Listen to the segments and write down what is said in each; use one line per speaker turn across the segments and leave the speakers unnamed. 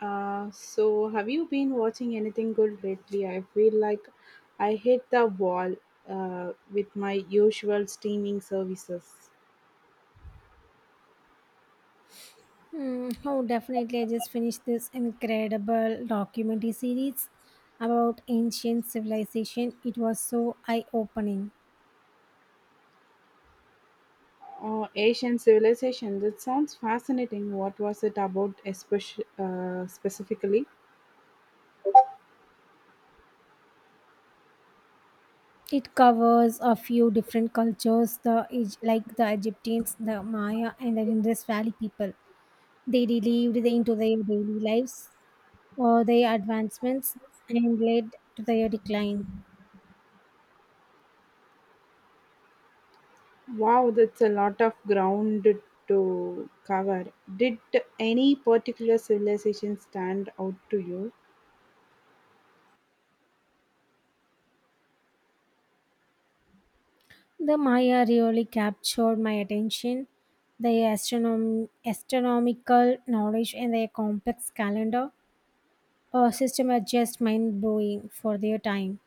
Have you been watching anything good lately? I feel like I hit the wall with my usual streaming services.
Hmm, oh, definitely. I just finished this incredible documentary series about ancient civilization. It was so eye-opening.
Oh, Asian civilization. That sounds fascinating. What was it about, especially specifically?
It covers a few different cultures, the like the Egyptians, the Maya, and the Indus Valley people. They lived into their daily lives, or their advancements, and led to their decline.
Wow, that's a lot of ground to cover. Did any particular civilization stand out to you?
The Maya really captured my attention. Their astronomical knowledge and their complex calendar system are just mind blowing for their time.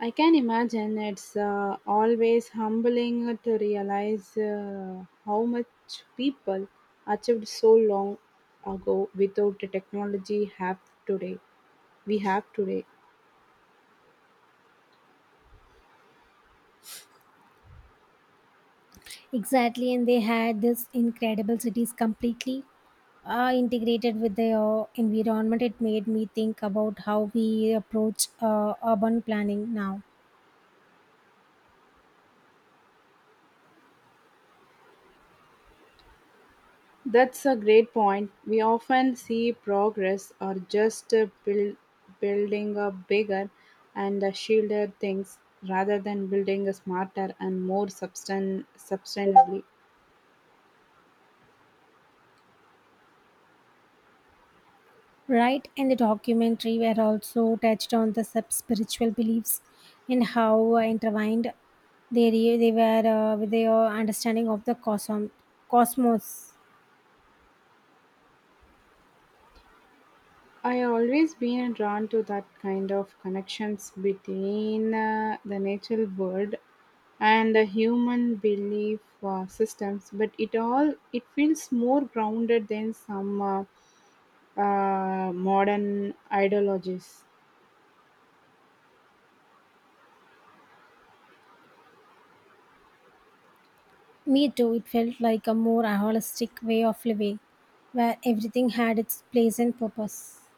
I can imagine it's always humbling to realize how much people achieved so long ago without the technology have today. We have today.
Exactly, and they had this incredible cities completely integrated with their environment. It made me think about how we approach urban planning now.
That's a great point. We often see progress or just building a bigger and a shielded things rather than building a smarter and more sustain sustainably.
Right, and the documentary were also touched on the sub spiritual beliefs and how intertwined they were with their understanding of the cosmos.
I always been drawn to that kind of connections between the natural world and the human belief systems, but it all it feels more grounded than some modern ideologies.
Me too, it felt like a more holistic way of living where everything had its place and purpose.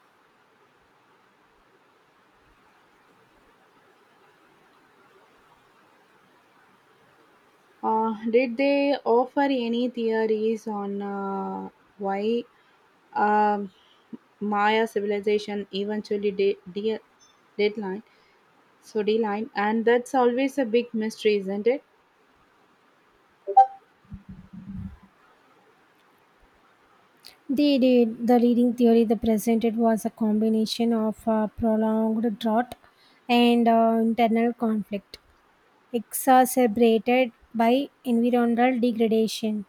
Did they offer any theories on why um Maya civilization eventually deadline? Soddy lime, and that's always a big mystery, isn't it?
They did. The leading theory they presented was a combination of prolonged drought and internal conflict, exacerbated by environmental degradation.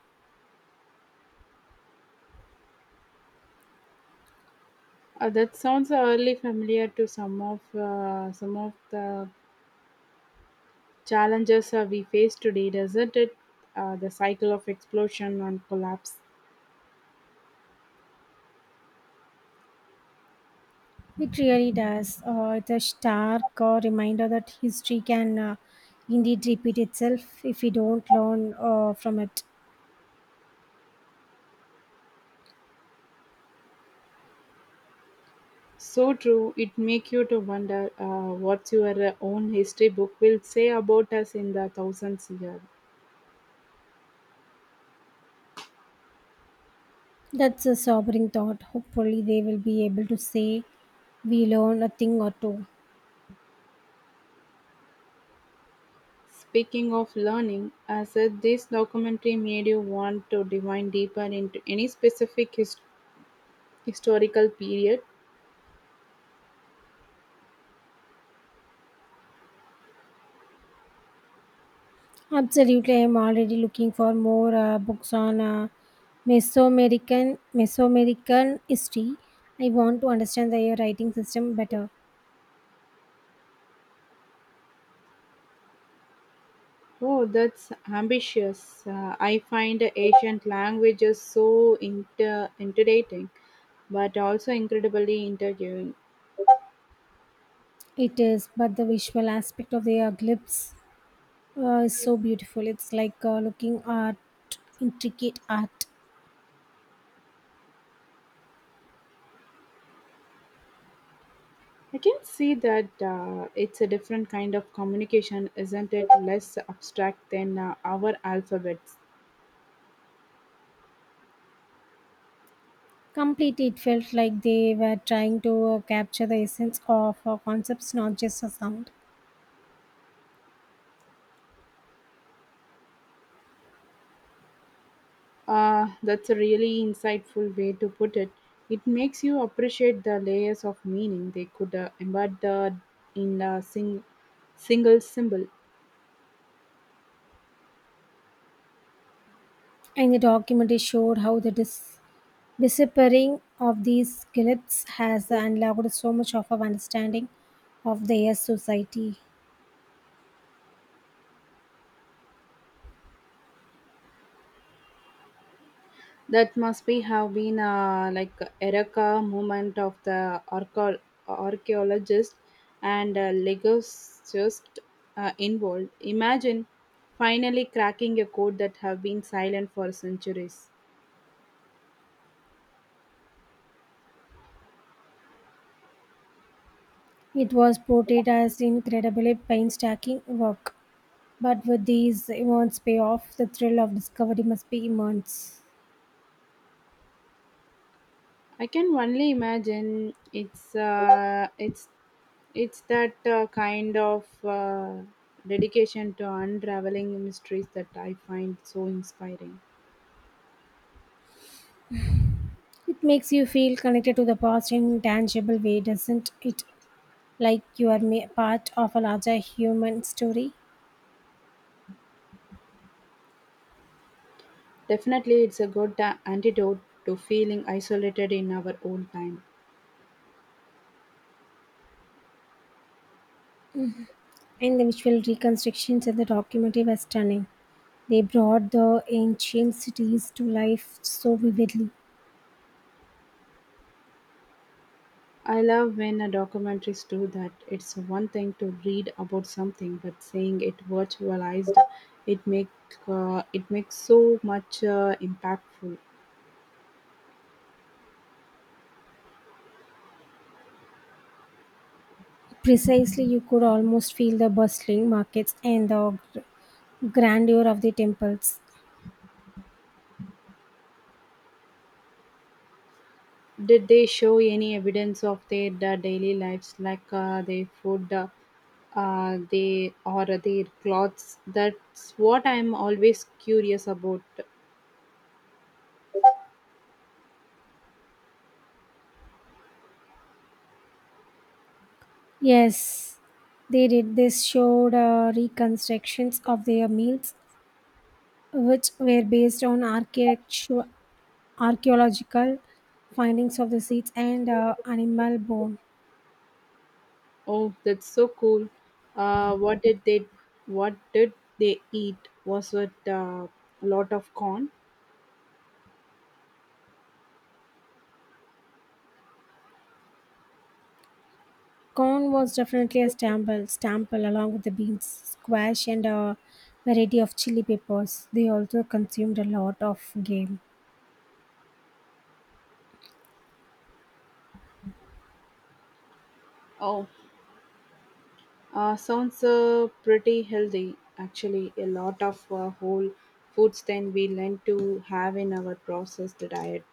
That sounds early familiar to some of the challenges we face today, doesn't it? The cycle of explosion and collapse.
It really does. It's a stark reminder that history can indeed repeat itself if we don't learn from it.
So true. It make you to wonder what your own history book will say about us in the thousands years.
That's a sobering thought. Hopefully, they will be able to say we learn a thing or two.
Speaking of learning, I said this documentary made you want to dive deeper into any specific historical period.
Absolutely, I'm already looking for more books on Mesoamerican history. I want to understand their writing system better.
Oh, that's ambitious. I find ancient languages so intimidating, but also incredibly interviewing.
It is, but the visual aspect of their glyphs it's so beautiful. It's like looking at intricate art.
I can see that it's a different kind of communication, isn't it? Less abstract than our alphabets.
Completely, it felt like they were trying to capture the essence of concepts, not just a sound.
That's a really insightful way to put it. It makes you appreciate the layers of meaning they could embed the, in a single symbol.
And the documentary showed how the disappearing of these clips has unlocked so much of our understanding of their society.
That must be have been like Ereka movement of the archaeologist and legist involved. Imagine finally cracking a code that have been silent for centuries.
It was portrayed as incredibly painstaking work, but with these immense payoff, the thrill of discovery must be immense.
I can only imagine it's that kind of dedication to unraveling mysteries that I find so inspiring.
It makes you feel connected to the past in tangible way, doesn't it? Like you are part of a larger human story.
Definitely, it's a good antidote to feeling isolated in our own time.
And the visual reconstructions in the documentary were stunning. They brought the ancient cities to life so vividly.
I love when a documentaries do that. It's one thing to read about something, but seeing it virtualized, it make it makes so much impactful.
Precisely, you could almost feel the bustling markets and the grandeur of the temples.
Did they show any evidence of their daily lives, like their food, they or their clothes? That's what I'm always curious about.
Yes, they did. This showed reconstructions of their meals, which were based on architecture archaeological findings of the seeds and animal bone.
Oh, that's so cool. What did what did they eat? Was it a lot of corn?
Corn was definitely a staple along with the beans, squash, and a variety of chili peppers. They also consumed a lot of game.
Oh, sounds pretty healthy actually. A lot of whole foods then we learn to have in our processed diet.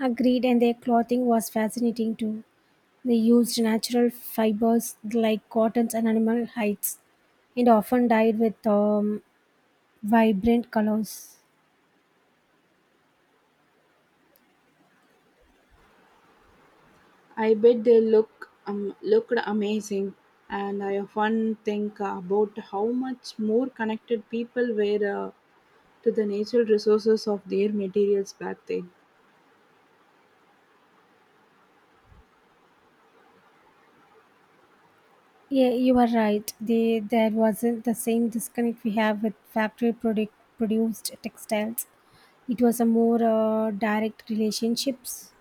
Agreed, and their clothing was fascinating too. They used natural fibers like cottons and animal hides, and often dyed with vibrant colors.
I bet they looked amazing, and I often think about how much more connected people were to the natural resources of their materials back then.
Yeah, you are right. They, there wasn't the same disconnect we have with factory product produced textiles. It was a more direct relationships.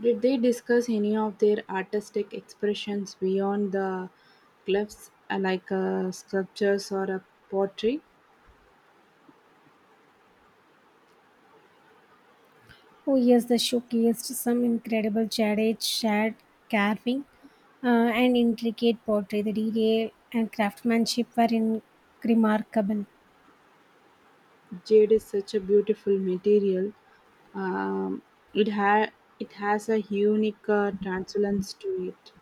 Did they discuss any of their artistic expressions beyond the glyphs, like sculptures or a pottery?
Oh yes, the showcased some incredible jaded shad carving uh, and intricate pottery. The detail and craftsmanship were in remarkable.
Jade is such a beautiful material. Um, it ha- it has a unique translucence to it.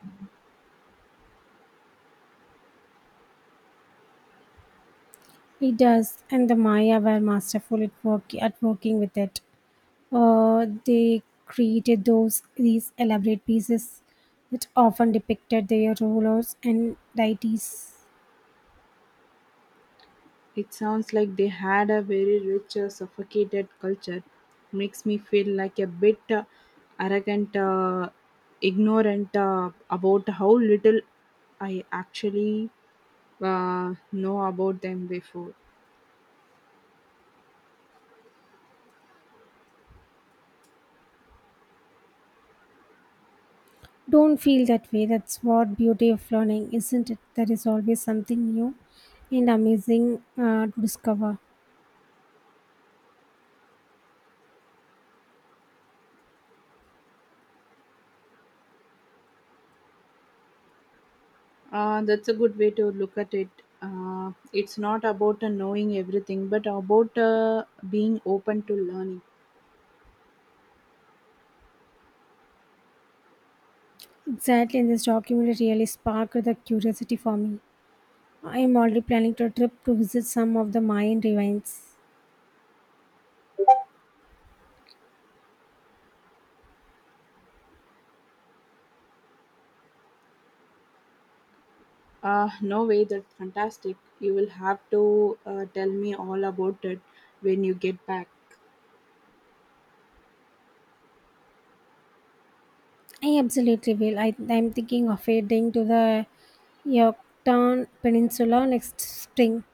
It does, and the Maya were masterful at, work, at working with it. They created those these elaborate pieces that often depicted their rulers and deities.
It sounds like they had a very rich, suffocated culture. Makes me feel like a bit arrogant, uh, ignorant about how little I actually know about them before.
Don't feel that way. That's what beauty of learning, isn't it? There is always something new and amazing to discover.
That's a good way to look at it. It's not about knowing everything, but about being open to learning.
Exactly, and this documentary really sparked the curiosity for me. I am already planning to a trip to visit some of the Mayan ruins.
No way, that's fantastic. You will have to tell me all about it when you get back.
I absolutely will. I am thinking of heading to the Yucatan Peninsula next spring.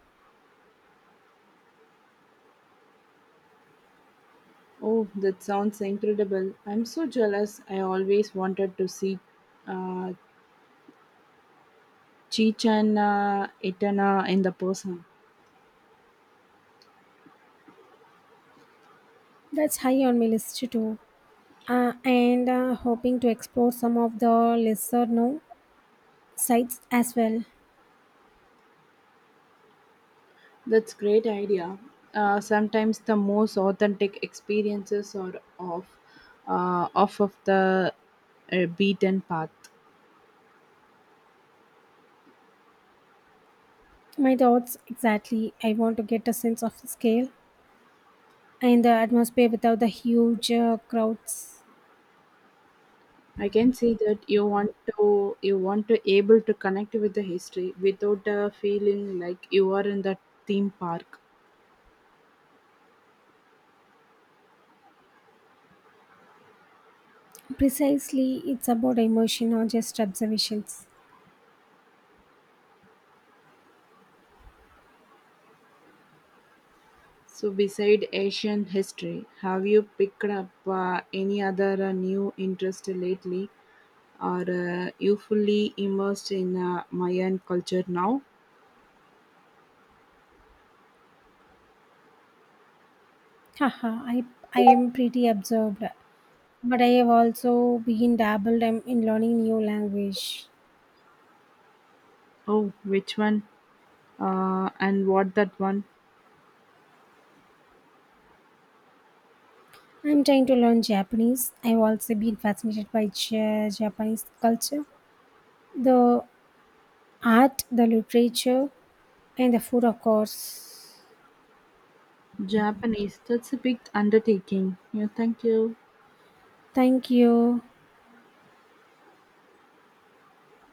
Oh, that sounds incredible. I'm so jealous. I always wanted to see uh, Chichen Itana in the person.
That's high on my list too. And hoping to explore some of the lesser known sites as well.
That's great idea. Sometimes the most authentic experiences are off of the beaten path.
My thoughts exactly. I want to get a sense of the scale and the atmosphere without the huge crowds.
I can see that you want to able to connect with the history without feeling like you are in the theme park.
Precisely, it's about immersion or just observations.
So, beside Asian history, have you picked up any other new interest lately? Are you fully immersed in Mayan culture now?
Haha, I am pretty absorbed, but I have also been dabbled in learning new language.
Oh, which one? And what that one?
I'm trying to learn Japanese. I've also been fascinated by Japanese culture the art, the literature, and the food, of course.
Japanese. That's a big undertaking. Yeah, thank you.
Thank you.